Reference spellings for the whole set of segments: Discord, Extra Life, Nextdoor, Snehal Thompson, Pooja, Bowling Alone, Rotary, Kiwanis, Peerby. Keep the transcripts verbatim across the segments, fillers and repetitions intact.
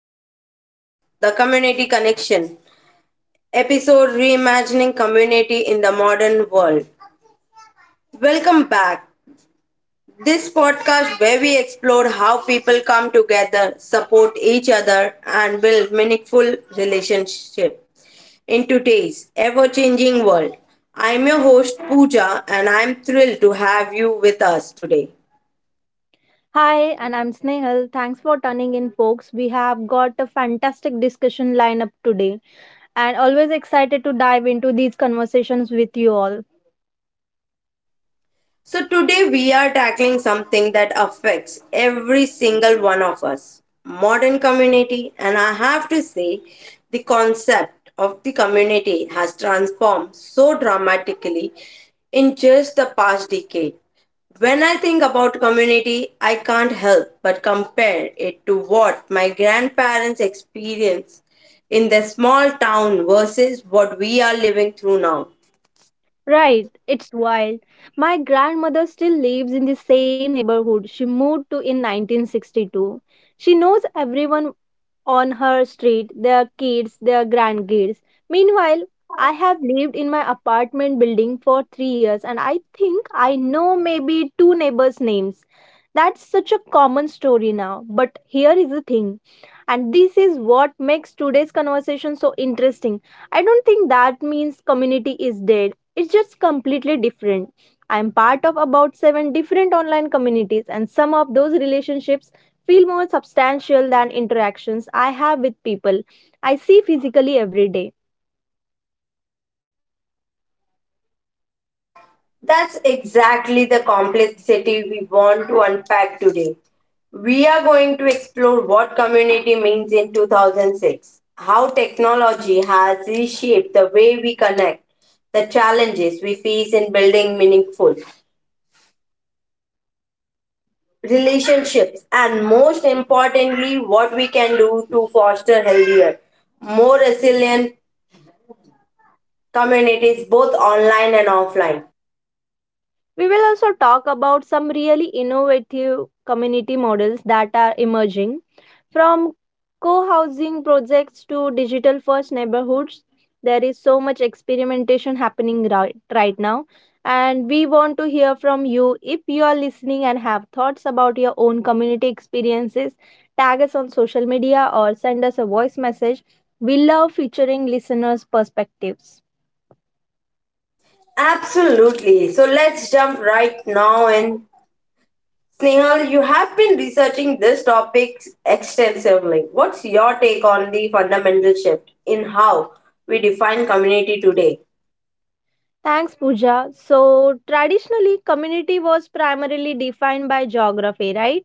podcast, The Community Connection, episode Reimagining Community in the Modern World. Welcome back. This podcast, where we explore how people come together, support each other, and build meaningful relationships in today's ever changing world. I'm your host, Pooja, and I'm thrilled to have you with us today. Hi, and I'm Snehal. Thanks for turning in, folks. We have got a fantastic discussion lineup today, and always excited to dive into these conversations with you all. So, today we are tackling something that affects every single one of us modern community. And I have to say, the concept of the community has transformed so dramatically in just the past decade. When I think about community, I can't help but compare it to what my grandparents experienced in their small town versus what we are living through now. Right, it's wild. My grandmother still lives in the same neighborhood she moved to in nineteen sixty-two. She knows everyone on her street, their kids, their grandkids. Meanwhile, I have lived in my apartment building for three years and I think I know maybe two neighbors' names. That's such a common story now. But here is the thing, and this is what makes today's conversation so interesting. I don't think that means community is dead, it's just completely different. I'm part of about seven different online communities, and some of those relationships feel more substantial than interactions I have with people I see physically every day. That's exactly the complexity we want to unpack today. We are going to explore what community means in two thousand six, how technology has reshaped the way we connect, the challenges we face in building meaningful relationships, and most importantly, what we can do to foster healthier, more resilient communities both online and offline. We will also talk about some really innovative community models that are emerging from co housing projects to digital first neighborhoods. There is so much experimentation happening right, right now, and we want to hear from you. If you are listening and have thoughts about your own community experiences, tag us on social media or send us a voice message. We love featuring listeners' perspectives. Absolutely. So let's jump right now in Snehal, you have been researching this topic extensively. What's your take on the fundamental shift in how we define community today? Thanks, Pooja. So, traditionally, community was primarily defined by geography, right?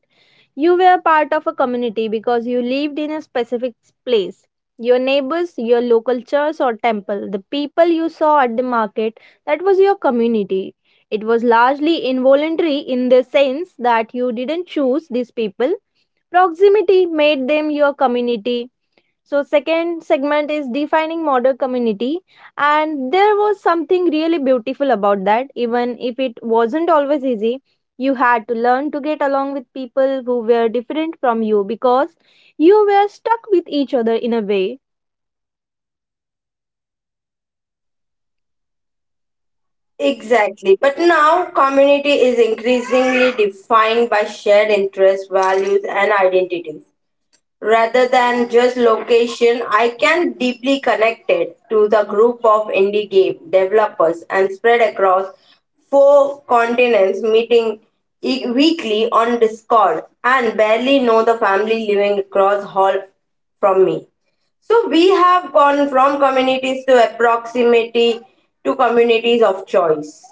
You were part of a community because you lived in a specific place. Your neighbors, your local church or temple, the people you saw at the market, that was your community. It was largely involuntary in the sense that you didn't choose these people. Proximity made them your community. So second segment is defining modern community, and there was something really beautiful about that, even if it wasn't always easy. You had to learn to get along with people who were different from you because you were stuck with each other in a way. Exactly. But now, community is increasingly defined by shared interests, values, and identities, rather than just location. I can deeply connected to the group of indie game developers and spread across four continents, meeting e- weekly on Discord and barely know the family living across hall from me. So we have gone from communities to proximity to communities of choice.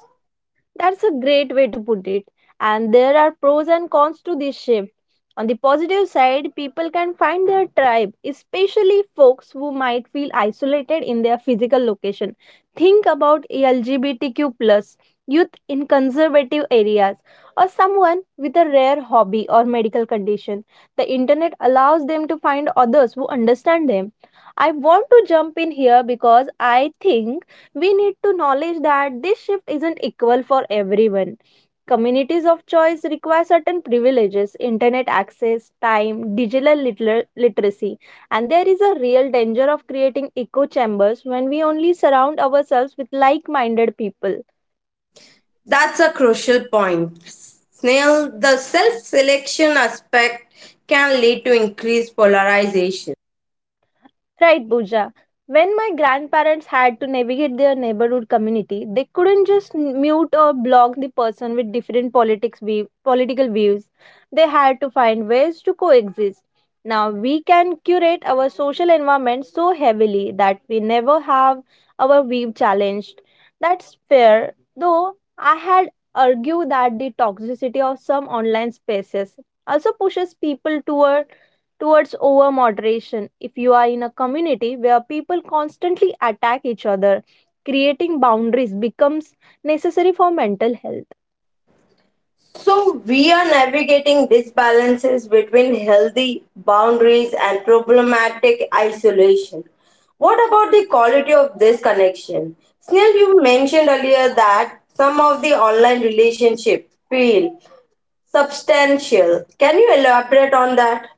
That's a great way to put it. And there are pros and cons to this shift. On the positive side, people can find their tribe, especially folks who might feel isolated in their physical location. Think about L G B T Q plus youth in conservative areas or someone with a rare hobby or medical condition. The internet allows them to find others who understand them. I want to jump in here because I think we need to knowledge that this shift isn't equal for everyone. Communities of choice require certain privileges, internet access, time, digital litler- literacy, and there is a real danger of creating echo chambers when we only surround ourselves with like minded people. That's a crucial point. Snail, the self selection aspect can lead to increased polarization. Right, Pooja. When my grandparents had to navigate their neighborhood community, they couldn't just mute or block the person with different politics view, political views. They had to find ways to coexist. Now we can curate our social environment so heavily that we never have our view challenged. That's fair, though I had argued that the toxicity of some online spaces also pushes people toward towards over moderation. If you are in a community where people constantly attack each other, creating boundaries becomes necessary for mental health. So, we are navigating disbalances between healthy boundaries and problematic isolation. What about the quality of this connection? Snail, you mentioned earlier that some of the online relationships feel substantial. Can you elaborate on that?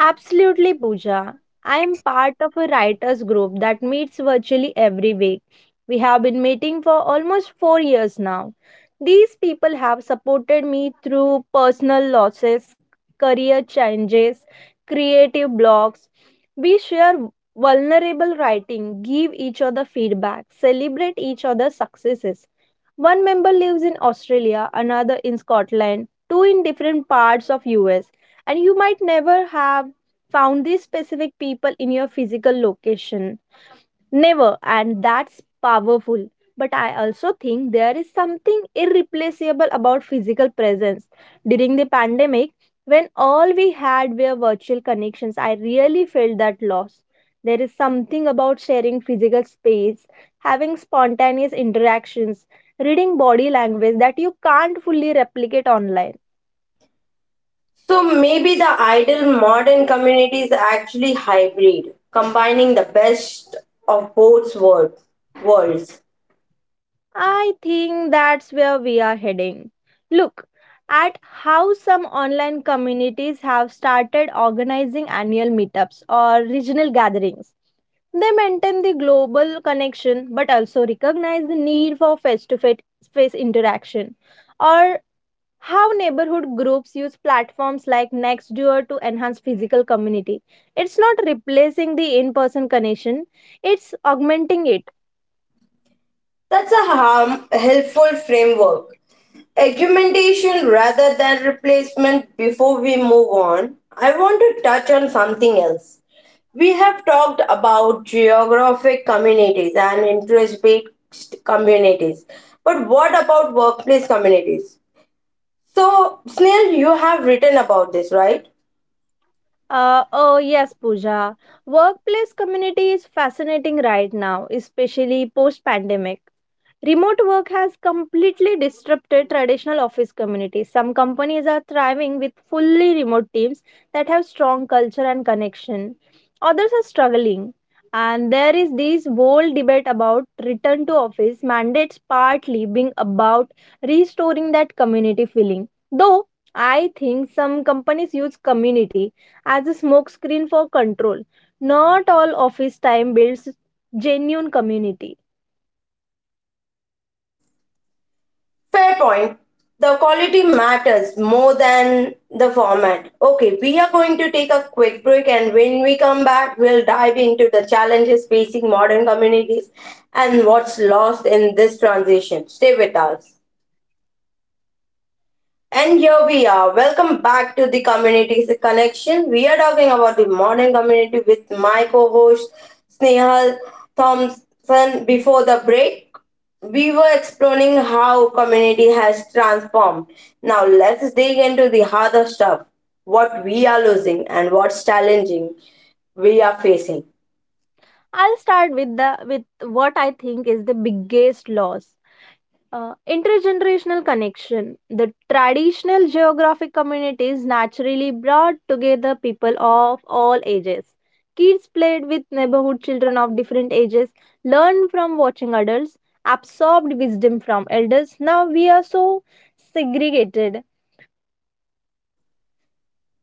Absolutely, Pooja. I am part of a writers group that meets virtually every week. We have been meeting for almost four years now. These people have supported me through personal losses, career changes, creative blocks. We share vulnerable writing, give each other feedback, celebrate each other's successes. One member lives in Australia, another in Scotland, two in different parts of U S, and you might never have found these specific people in your physical location. Never, and that's powerful. But I also think there is something irreplaceable about physical presence. During the pandemic, when all we had were virtual connections, I really felt that loss. There is something about sharing physical space, having spontaneous interactions, reading body language that you can't fully replicate online. So maybe the ideal modern community is actually hybrid, combining the best of both world, worlds. I think that's where we are heading. Look at how some online communities have started organizing annual meetups or regional gatherings. They maintain the global connection but also recognize the need for face to face interaction. Or how neighborhood groups use platforms like Nextdoor to enhance physical community. It's not replacing the in person connection, it's augmenting it. That's a harm, helpful framework. Argumentation rather than replacement. Before we move on, I want to touch on something else. We have talked about geographic communities and interest based communities, but what about workplace communities? So, Snail, you have written about this, right? Uh, oh, yes, Pooja. Workplace community is fascinating right now, especially post pandemic. Remote work has completely disrupted traditional office communities. Some companies are thriving with fully remote teams that have strong culture and connection. Others are struggling. And there is this whole debate about return to office mandates partly being about restoring that community feeling. Though I think some companies use community as a smokescreen for control. Not all office time builds genuine community. Fair point. The quality matters more than the format. Okay, we are going to take a quick break, and when we come back, we'll dive into the challenges facing modern communities and what's lost in this transition. Stay with us. And here we are. Welcome back to the Communities Connection. We are talking about the modern community with my co-host Snehal Thompson. Before the break, we were exploring how community has transformed. Now let's dig into the harder stuff. What we are losing and what's challenging we are facing. I'll start with the with what I think is the biggest loss. Uh, intergenerational connection. The traditional geographic communities naturally brought together people of all ages. Kids played with neighborhood children of different ages, learned from watching adults, absorbed wisdom from elders. Now we are so segregated.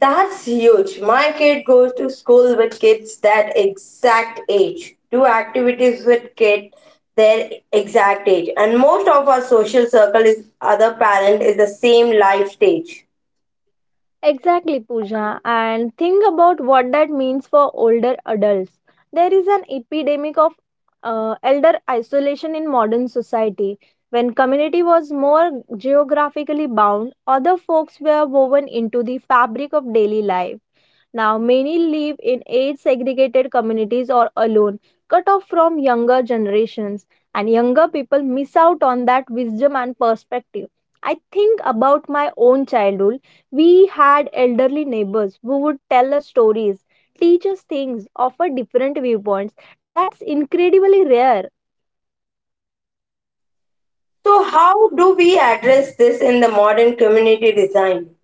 That's huge. My kid goes to school with kids that exact age, do activities with kids their exact age, and most of our social circle is other parent is the same life stage. Exactly, Pooja. And think about what that means for older adults. There is an epidemic of uh, elder isolation in modern society. When community was more geographically bound, other folks were woven into the fabric of daily life. Now, many live in age segregated communities or alone, cut off from younger generations, and younger people miss out on that wisdom and perspective. I think about my own childhood. We had elderly neighbors who would tell us stories, teach us things, offer different viewpoints. That's incredibly rare. So how do we address this in the modern community design?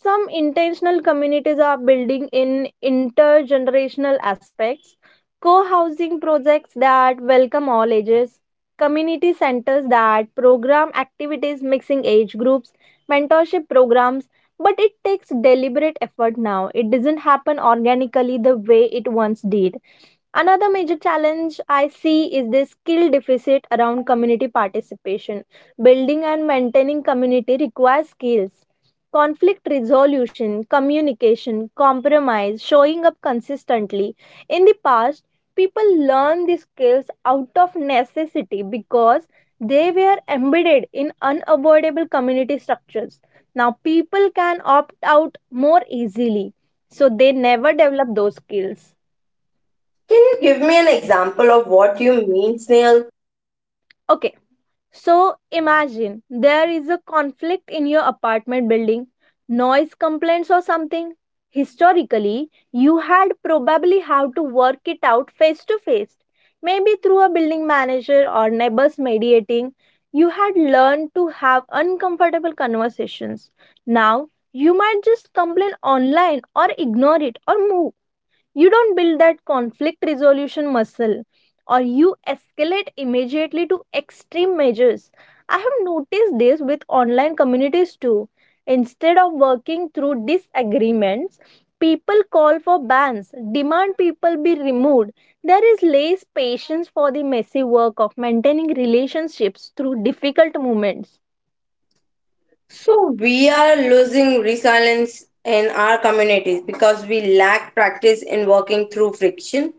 Some intentional communities are building in intergenerational aspects: co-housing projects that welcome all ages, community centers that program activities mixing age groups, mentorship programs. But it takes deliberate effort now, it doesn't happen organically the way it once did. Another major challenge I see is the skill deficit around community participation. Building and maintaining community requires skills: conflict resolution, communication, compromise, showing up consistently. In the past, people learned these skills out of necessity because they were embedded in unavoidable community structures. Now, people can opt out more easily, so they never develop those skills. Can you give me an example of what you mean, Snail? Okay. So imagine there is a conflict in your apartment building, noise complaints or something. Historically, you had probably have to work it out face to face. Maybe through a building manager or neighbors mediating, you had learned to have uncomfortable conversations. Now, you might just complain online or ignore it or move. You don't build that conflict resolution muscle, or you escalate immediately to extreme measures. I have noticed this with online communities too. Instead of working through disagreements, people call for bans, demand people be removed. There is less patience for the messy work of maintaining relationships through difficult moments. So we are losing resilience in our communities because we lack practice in working through friction.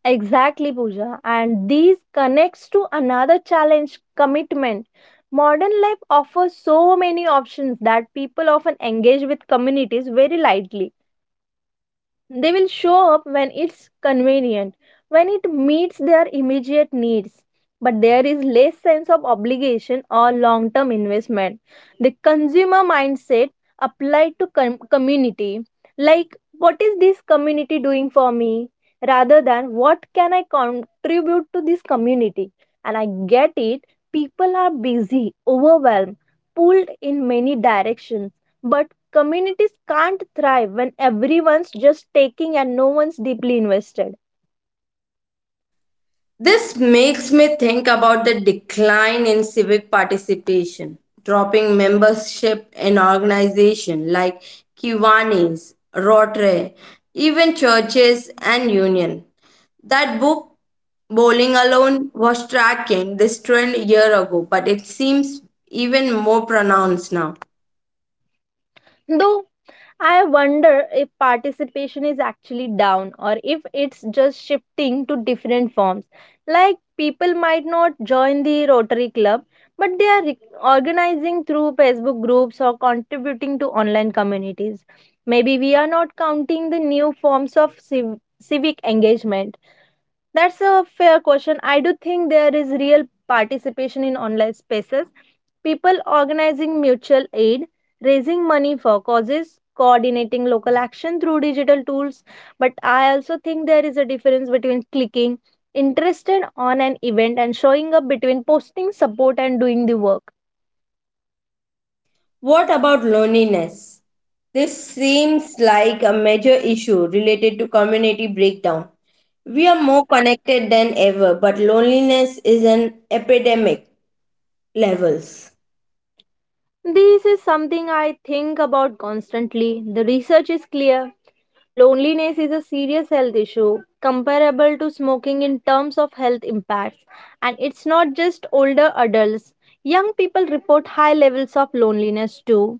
Exactly, Pooja. And these connects to another challenge: commitment. Modern life offers so many options that people often engage with communities very lightly. They will show up when it's convenient, when it meets their immediate needs. But there is less sense of obligation or long term investment. The consumer mindset applied to com- community, like what is this community doing for me, rather than what can I contribute to this community. And I get it, people are busy, overwhelmed, pulled in many directions. But communities can't thrive when everyone's just taking and no one's deeply invested. This makes me think about the decline in civic participation, dropping membership in organizations like Kiwanis, Rotary, even churches and union. That book, Bowling Alone, was tracking this trend a year ago, but it seems even more pronounced now. Though I wonder if participation is actually down or if it's just shifting to different forms. Like people might not join the Rotary Club, but they are re- organizing through Facebook groups or contributing to online communities. Maybe we are not counting the new forms of civ- civic engagement. That's a fair question. I do think there is real participation in online spaces. People organizing mutual aid, raising money for causes, coordinating local action through digital tools. But I also think there is a difference between clicking interested on an event and showing up, between posting support and doing the work. What about loneliness? This seems like a major issue related to community breakdown. We are more connected than ever, but loneliness is an epidemic levels. This is something I think about constantly. The research is clear. Loneliness is a serious health issue, comparable to smoking in terms of health impacts. And it's not just older adults, young people report high levels of loneliness too.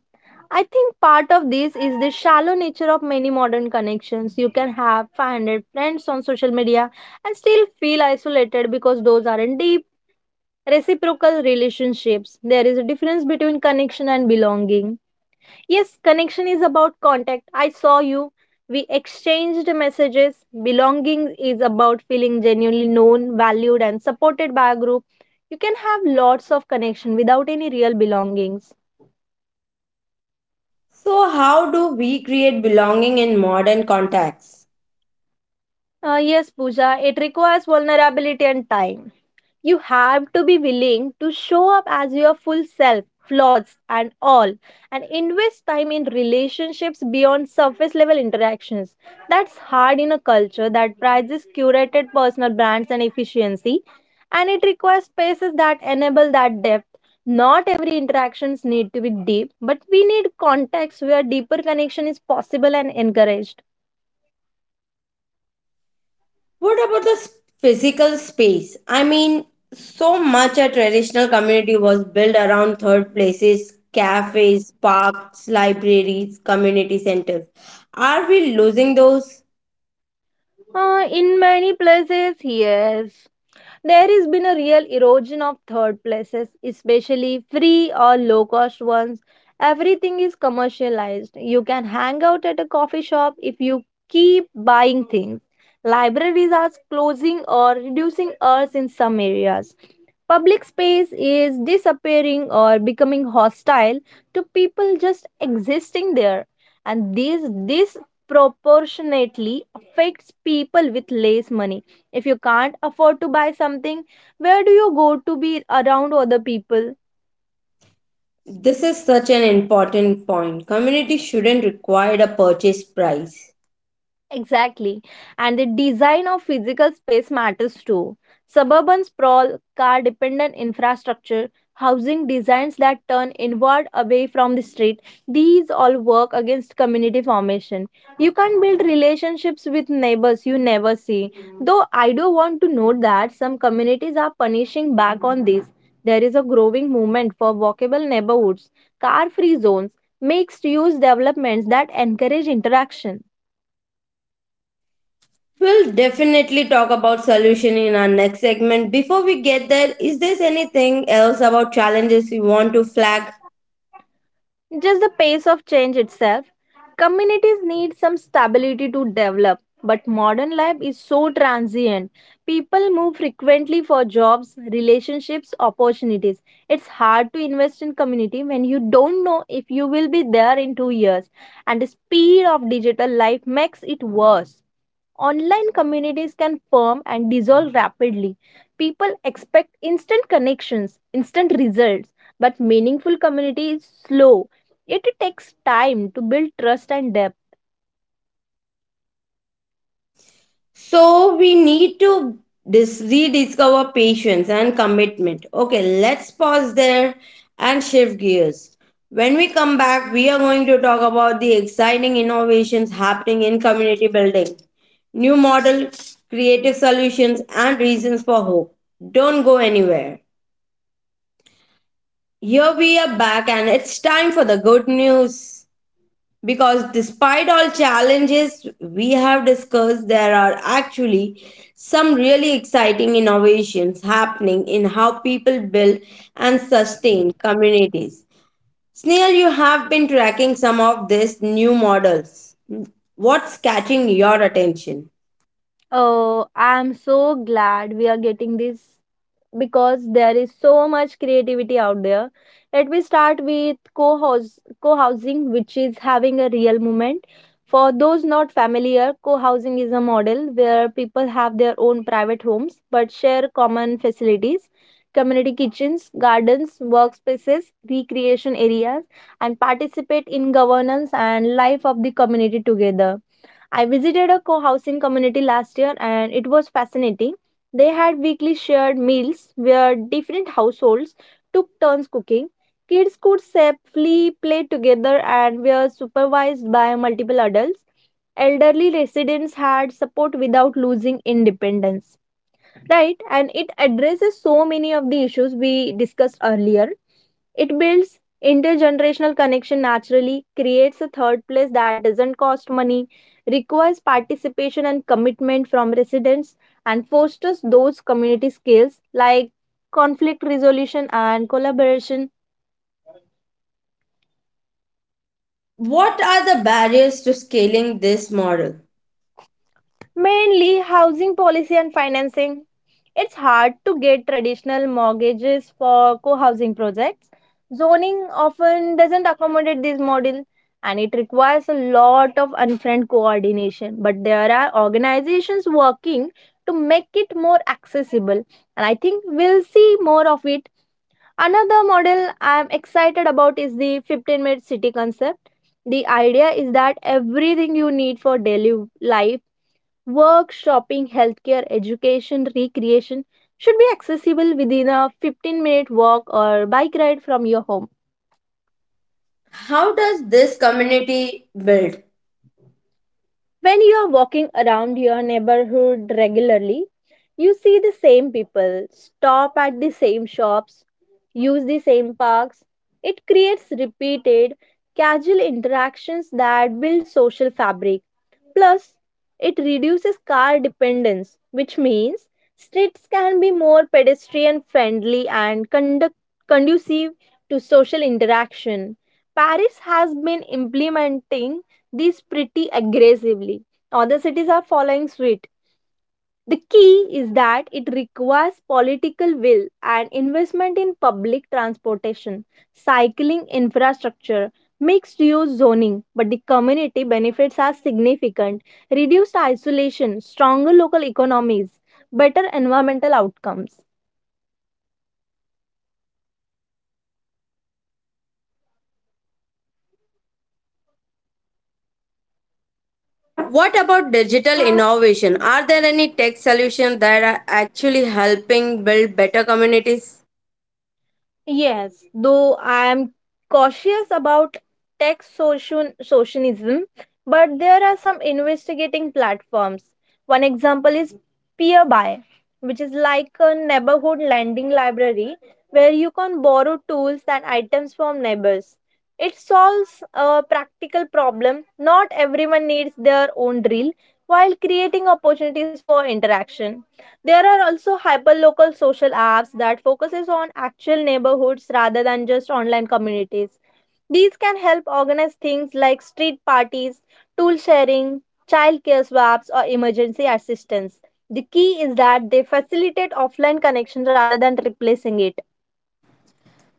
I think part of this is the shallow nature of many modern connections. You can have five hundred friends on social media and still feel isolated because those aren't deep reciprocal relationships. There is a difference between connection and belonging. Yes, connection is about contact. I saw you, we exchanged messages. Belonging is about feeling genuinely known, valued and supported by a group. You can have lots of connection without any real belongings. So, how do we create belonging in modern contexts? Uh, yes, Pooja. It requires vulnerability and time. You have to be willing to show up as your full self, flaws and all, and invest time in relationships beyond surface level interactions. That's hard in a culture that prizes curated personal brands and efficiency, and it requires spaces that enable that depth. Not every interactions need to be deep, but we need context where deeper connection is possible and encouraged. What about the s- physical space? I mean, so much a traditional community was built around third places, cafes, parks, libraries, community centers. Are we losing those? Uh, in many places, yes. There has been a real erosion of third places, especially free or low cost ones. Everything is commercialized. You can hang out at a coffee shop if you keep buying things. Libraries are closing or reducing hours in some areas. Public space is disappearing or becoming hostile to people just existing there. And this disproportionately affects people with less money if you can't afford to buy something, where do you go to be around other people? This is such an important point. Community shouldn't require a purchase price. Exactly. And the design of physical space matters too. Suburban sprawl, car dependent infrastructure, housing designs that turn inward away from the street, these all work against community formation. You can't build relationships with neighbors you never see. Though I do want to note that some communities are punishing back on this. There is a growing movement for walkable neighborhoods, car free zones, mixed use developments that encourage interaction. We'll definitely talk about solution in our next segment. Before we get there, is there anything else about challenges you want to flag? Just the pace of change itself. Communities need some stability to develop, but modern life is so transient. People move frequently for jobs, relationships, opportunities. It's hard to invest in community when you don't know if you will be there in two years, and the speed of digital life makes it worse. Online communities can form and dissolve rapidly. People expect instant connections, instant results, but meaningful community is slow. It takes time to build trust and depth. So we need to dis- rediscover patience and commitment. Okay, let's pause there and shift gears. When we come back, we are going to talk about the exciting innovations happening in community building, new model, creative solutions, and reasons for hope. Don't go anywhere. Here we are back, and it's time for the good news. Because despite all challenges we have discussed, there are actually some really exciting innovations happening in how people build and sustain communities. Snail, you have been tracking some of these new models. What's catching your attention? Oh, I am so glad we are getting this because there is so much creativity out there. Let me start with co-house, co-housing, which is having a real moment. For those not familiar, co-housing is a model where people have their own private homes but share common facilities, community kitchens, gardens, workspaces, recreation areas, and participate in governance and life of the community together. I visited a co housing community last year and it was fascinating. They had weekly shared meals where different households took turns cooking. Kids could safely play together and were supervised by multiple adults. Elderly residents had support without losing independence, right. And it addresses so many of the issues we discussed earlier. It builds intergenerational connection, naturally creates a third place that doesn't cost money, requires participation and commitment from residents, and fosters those community skills like conflict resolution and collaboration. What are the barriers to scaling this model? Mainly housing policy and financing. It's hard to get traditional mortgages for co housing projects. Zoning often doesn't accommodate this model and it requires a lot of unfriend coordination. But there are organizations working to make it more accessible, and I think we'll see more of it. Another model I'm excited about is the fifteen minute city concept. The idea is that everything you need for daily life, work, shopping, healthcare, education, recreation, should be accessible within a fifteen minute walk or bike ride from your home. How does this community build? When you are walking around your neighborhood regularly, you see the same people, stop at the same shops, use the same parks. It creates repeated, casual interactions that build social fabric. Plus, it reduces car dependence, which means streets can be more pedestrian friendly and conduct- conducive to social interaction. Paris has been implementing this pretty aggressively. Other cities are following suit. The key is that it requires political will and investment in public transportation, cycling infrastructure, mixed use zoning, but the community benefits are significant: reduced isolation, stronger local economies, better environmental outcomes. What about digital innovation? Are there any tech solutions that are actually helping build better communities? Yes, though I am cautious about tech social socialism, but there are some investigating platforms. One example is Peerby, which is like a neighborhood lending library where you can borrow tools and items from neighbors. It solves a practical problem. Not everyone needs their own drill while creating opportunities for interaction. There are also hyperlocal social apps that focuses on actual neighborhoods rather than just online communities. These can help organize things like street parties, tool sharing, childcare swaps or emergency assistance. The key is that they facilitate offline connection rather than replacing it.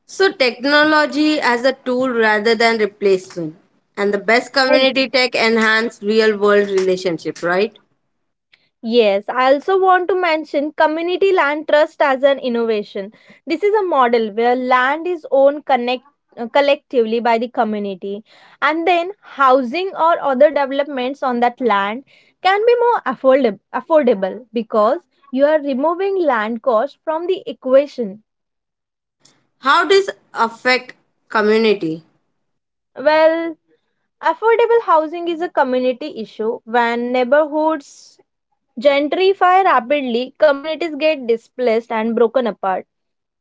So, technology as a tool rather than replacement. And the best community tech enhance real world relationship, right? Yes, I also want to mention community land trust as an innovation. This is a model where land is owned connect, uh, collectively by the community, and then housing or other developments on that land can be more affordable, affordable because you are removing land cost from the equation. How does affect community? Well, affordable housing is a community issue. When neighborhoods gentrify rapidly, communities get displaced and broken apart.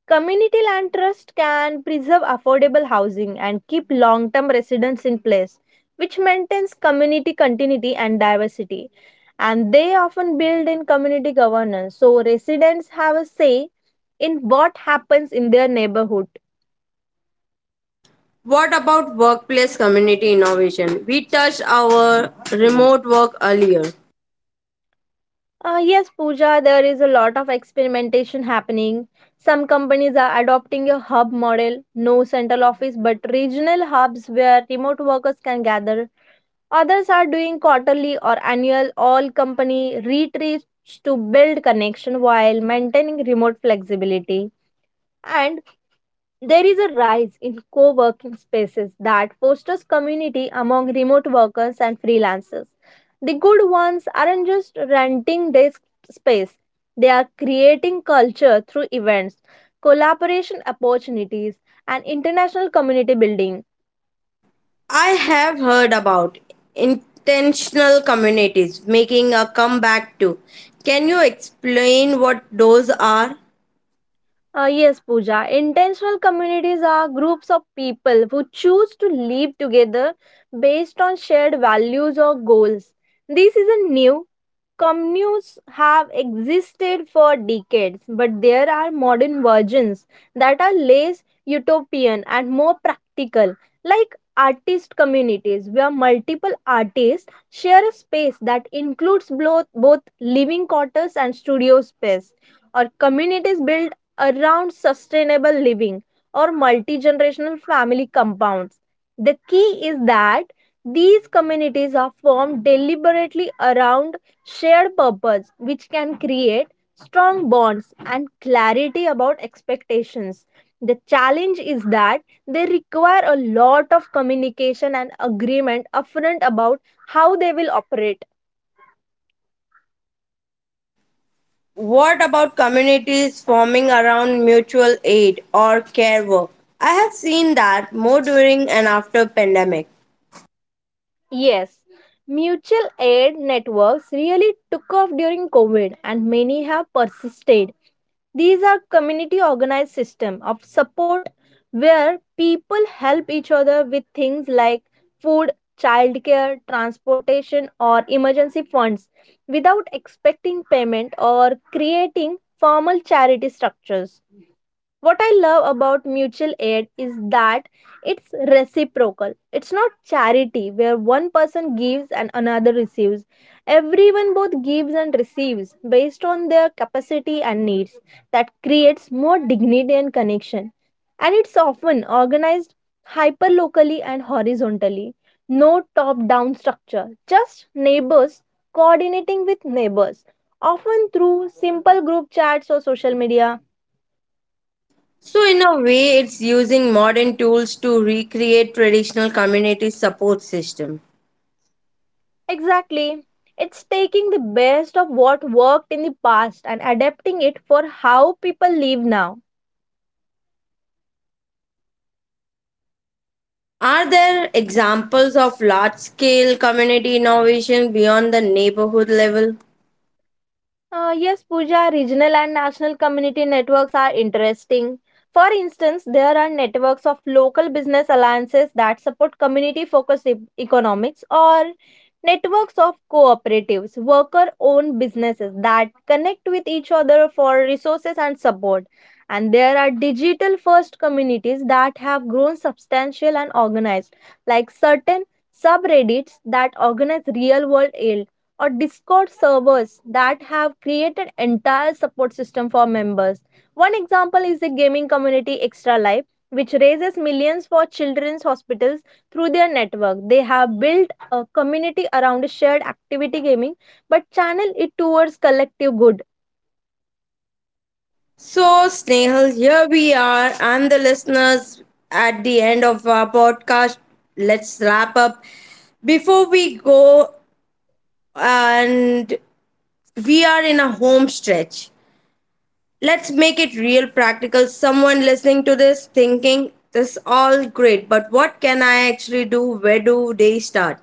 Community land trust can preserve affordable housing and keep long term residents in place, which maintains community continuity and diversity. And they often build in community governance, so residents have a say in what happens in their neighborhood. What about workplace community innovation? We touched our remote work earlier. Uh, yes, Pooja, there is a lot of experimentation happening. Some companies are adopting a hub model, no central office, but regional hubs where remote workers can gather. Others are doing quarterly or annual all company retreats to build connection while maintaining remote flexibility. And there is a rise in co working spaces that fosters community among remote workers and freelancers. The good ones aren't just renting desk space, they are creating culture through events, collaboration opportunities, and international community building. I have heard about intentional communities making a comeback too. Can you explain what those are? Uh, yes, Pooja. Intentional communities are groups of people who choose to live together based on shared values or goals. This isn't new. Communes have existed for decades, but there are modern versions that are less utopian and more practical, like artist communities where multiple artists share a space that includes blo- both living quarters and studio space, or communities built around sustainable living or multi generational family compounds. The key is that these communities are formed deliberately around shared purpose, which can create strong bonds and clarity about expectations. The challenge is that they require a lot of communication and agreement upfront about how they will operate. What about communities forming around mutual aid or care work? I have seen that more during and after pandemic. Yes, mutual aid networks really took off during COVID and many have persisted. These are community organized system of support where people help each other with things like food, childcare, transportation or emergency funds without expecting payment or creating formal charity structures. What I love about mutual aid is that it's reciprocal. It's not charity where one person gives and another receives. Everyone both gives and receives based on their capacity and needs. That creates more dignity and connection. And it's often organized hyper locally and horizontally. No top down structure, just neighbors coordinating with neighbors, often through simple group chats or social media. So in a way it's using modern tools to recreate traditional community support system. Exactly. It's taking the best of what worked in the past and adapting it for how people live now. Are there examples of large scale community innovation beyond the neighborhood level? Uh, yes, Pooja, regional and national community networks are interesting. For instance, there are networks of local business alliances that support community focused e- economics, or networks of cooperatives, worker owned businesses that connect with each other for resources and support. And there are digital first communities that have grown substantial and organized, like certain subreddits that organize real world, or Discord servers that have created entire support system for members. One example is the gaming community Extra Life, which raises millions for children's hospitals through their network. They have built a community around shared activity gaming, but channel it towards collective good. So, Snehal, here we are, and the listeners at the end of our podcast. Let's wrap up. Before we go, and we are in a home stretch, let's make it real practical. Someone listening to this thinking, this all great, but what can I actually do? Where do they start?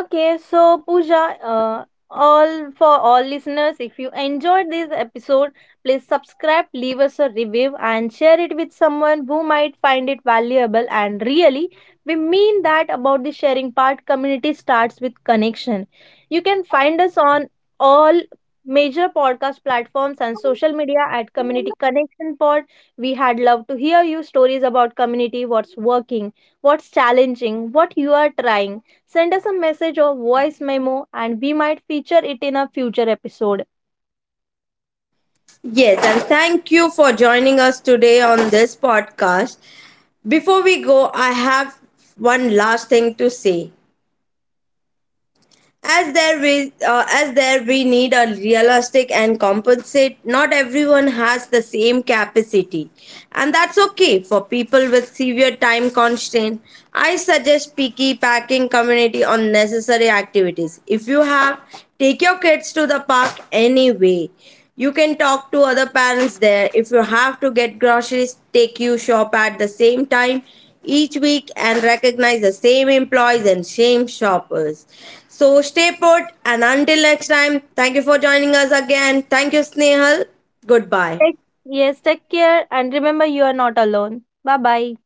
Okay, so Pooja, uh, all for all listeners, if you enjoyed this episode, please subscribe, leave us a review, and share it with someone who might find it valuable. And really, we mean that about the sharing part. Community starts with connection. You can find us on all major podcast platforms and social media at Community Connection Pod. We had love to hear you stories about community, what's working, what's challenging, what you are trying. Send us a message or voice memo and we might feature it in a future episode. Yes, and thank you for joining us today on this podcast. Before we go, I have one last thing to say. As there we uh, as there we need a realistic and compensate. Not everyone has the same capacity, and that's okay for people with severe time constraint. I suggest picky packing community on necessary activities. If you have, take your kids to the park anyway. You can talk to other parents there. If you have to get groceries, take you shop at the same time each week and recognize the same employees and same shoppers. So stay put and until next time, thank you for joining us again. Thank you, Snehal. Goodbye. Take- yes, take care and remember you are not alone. Bye bye.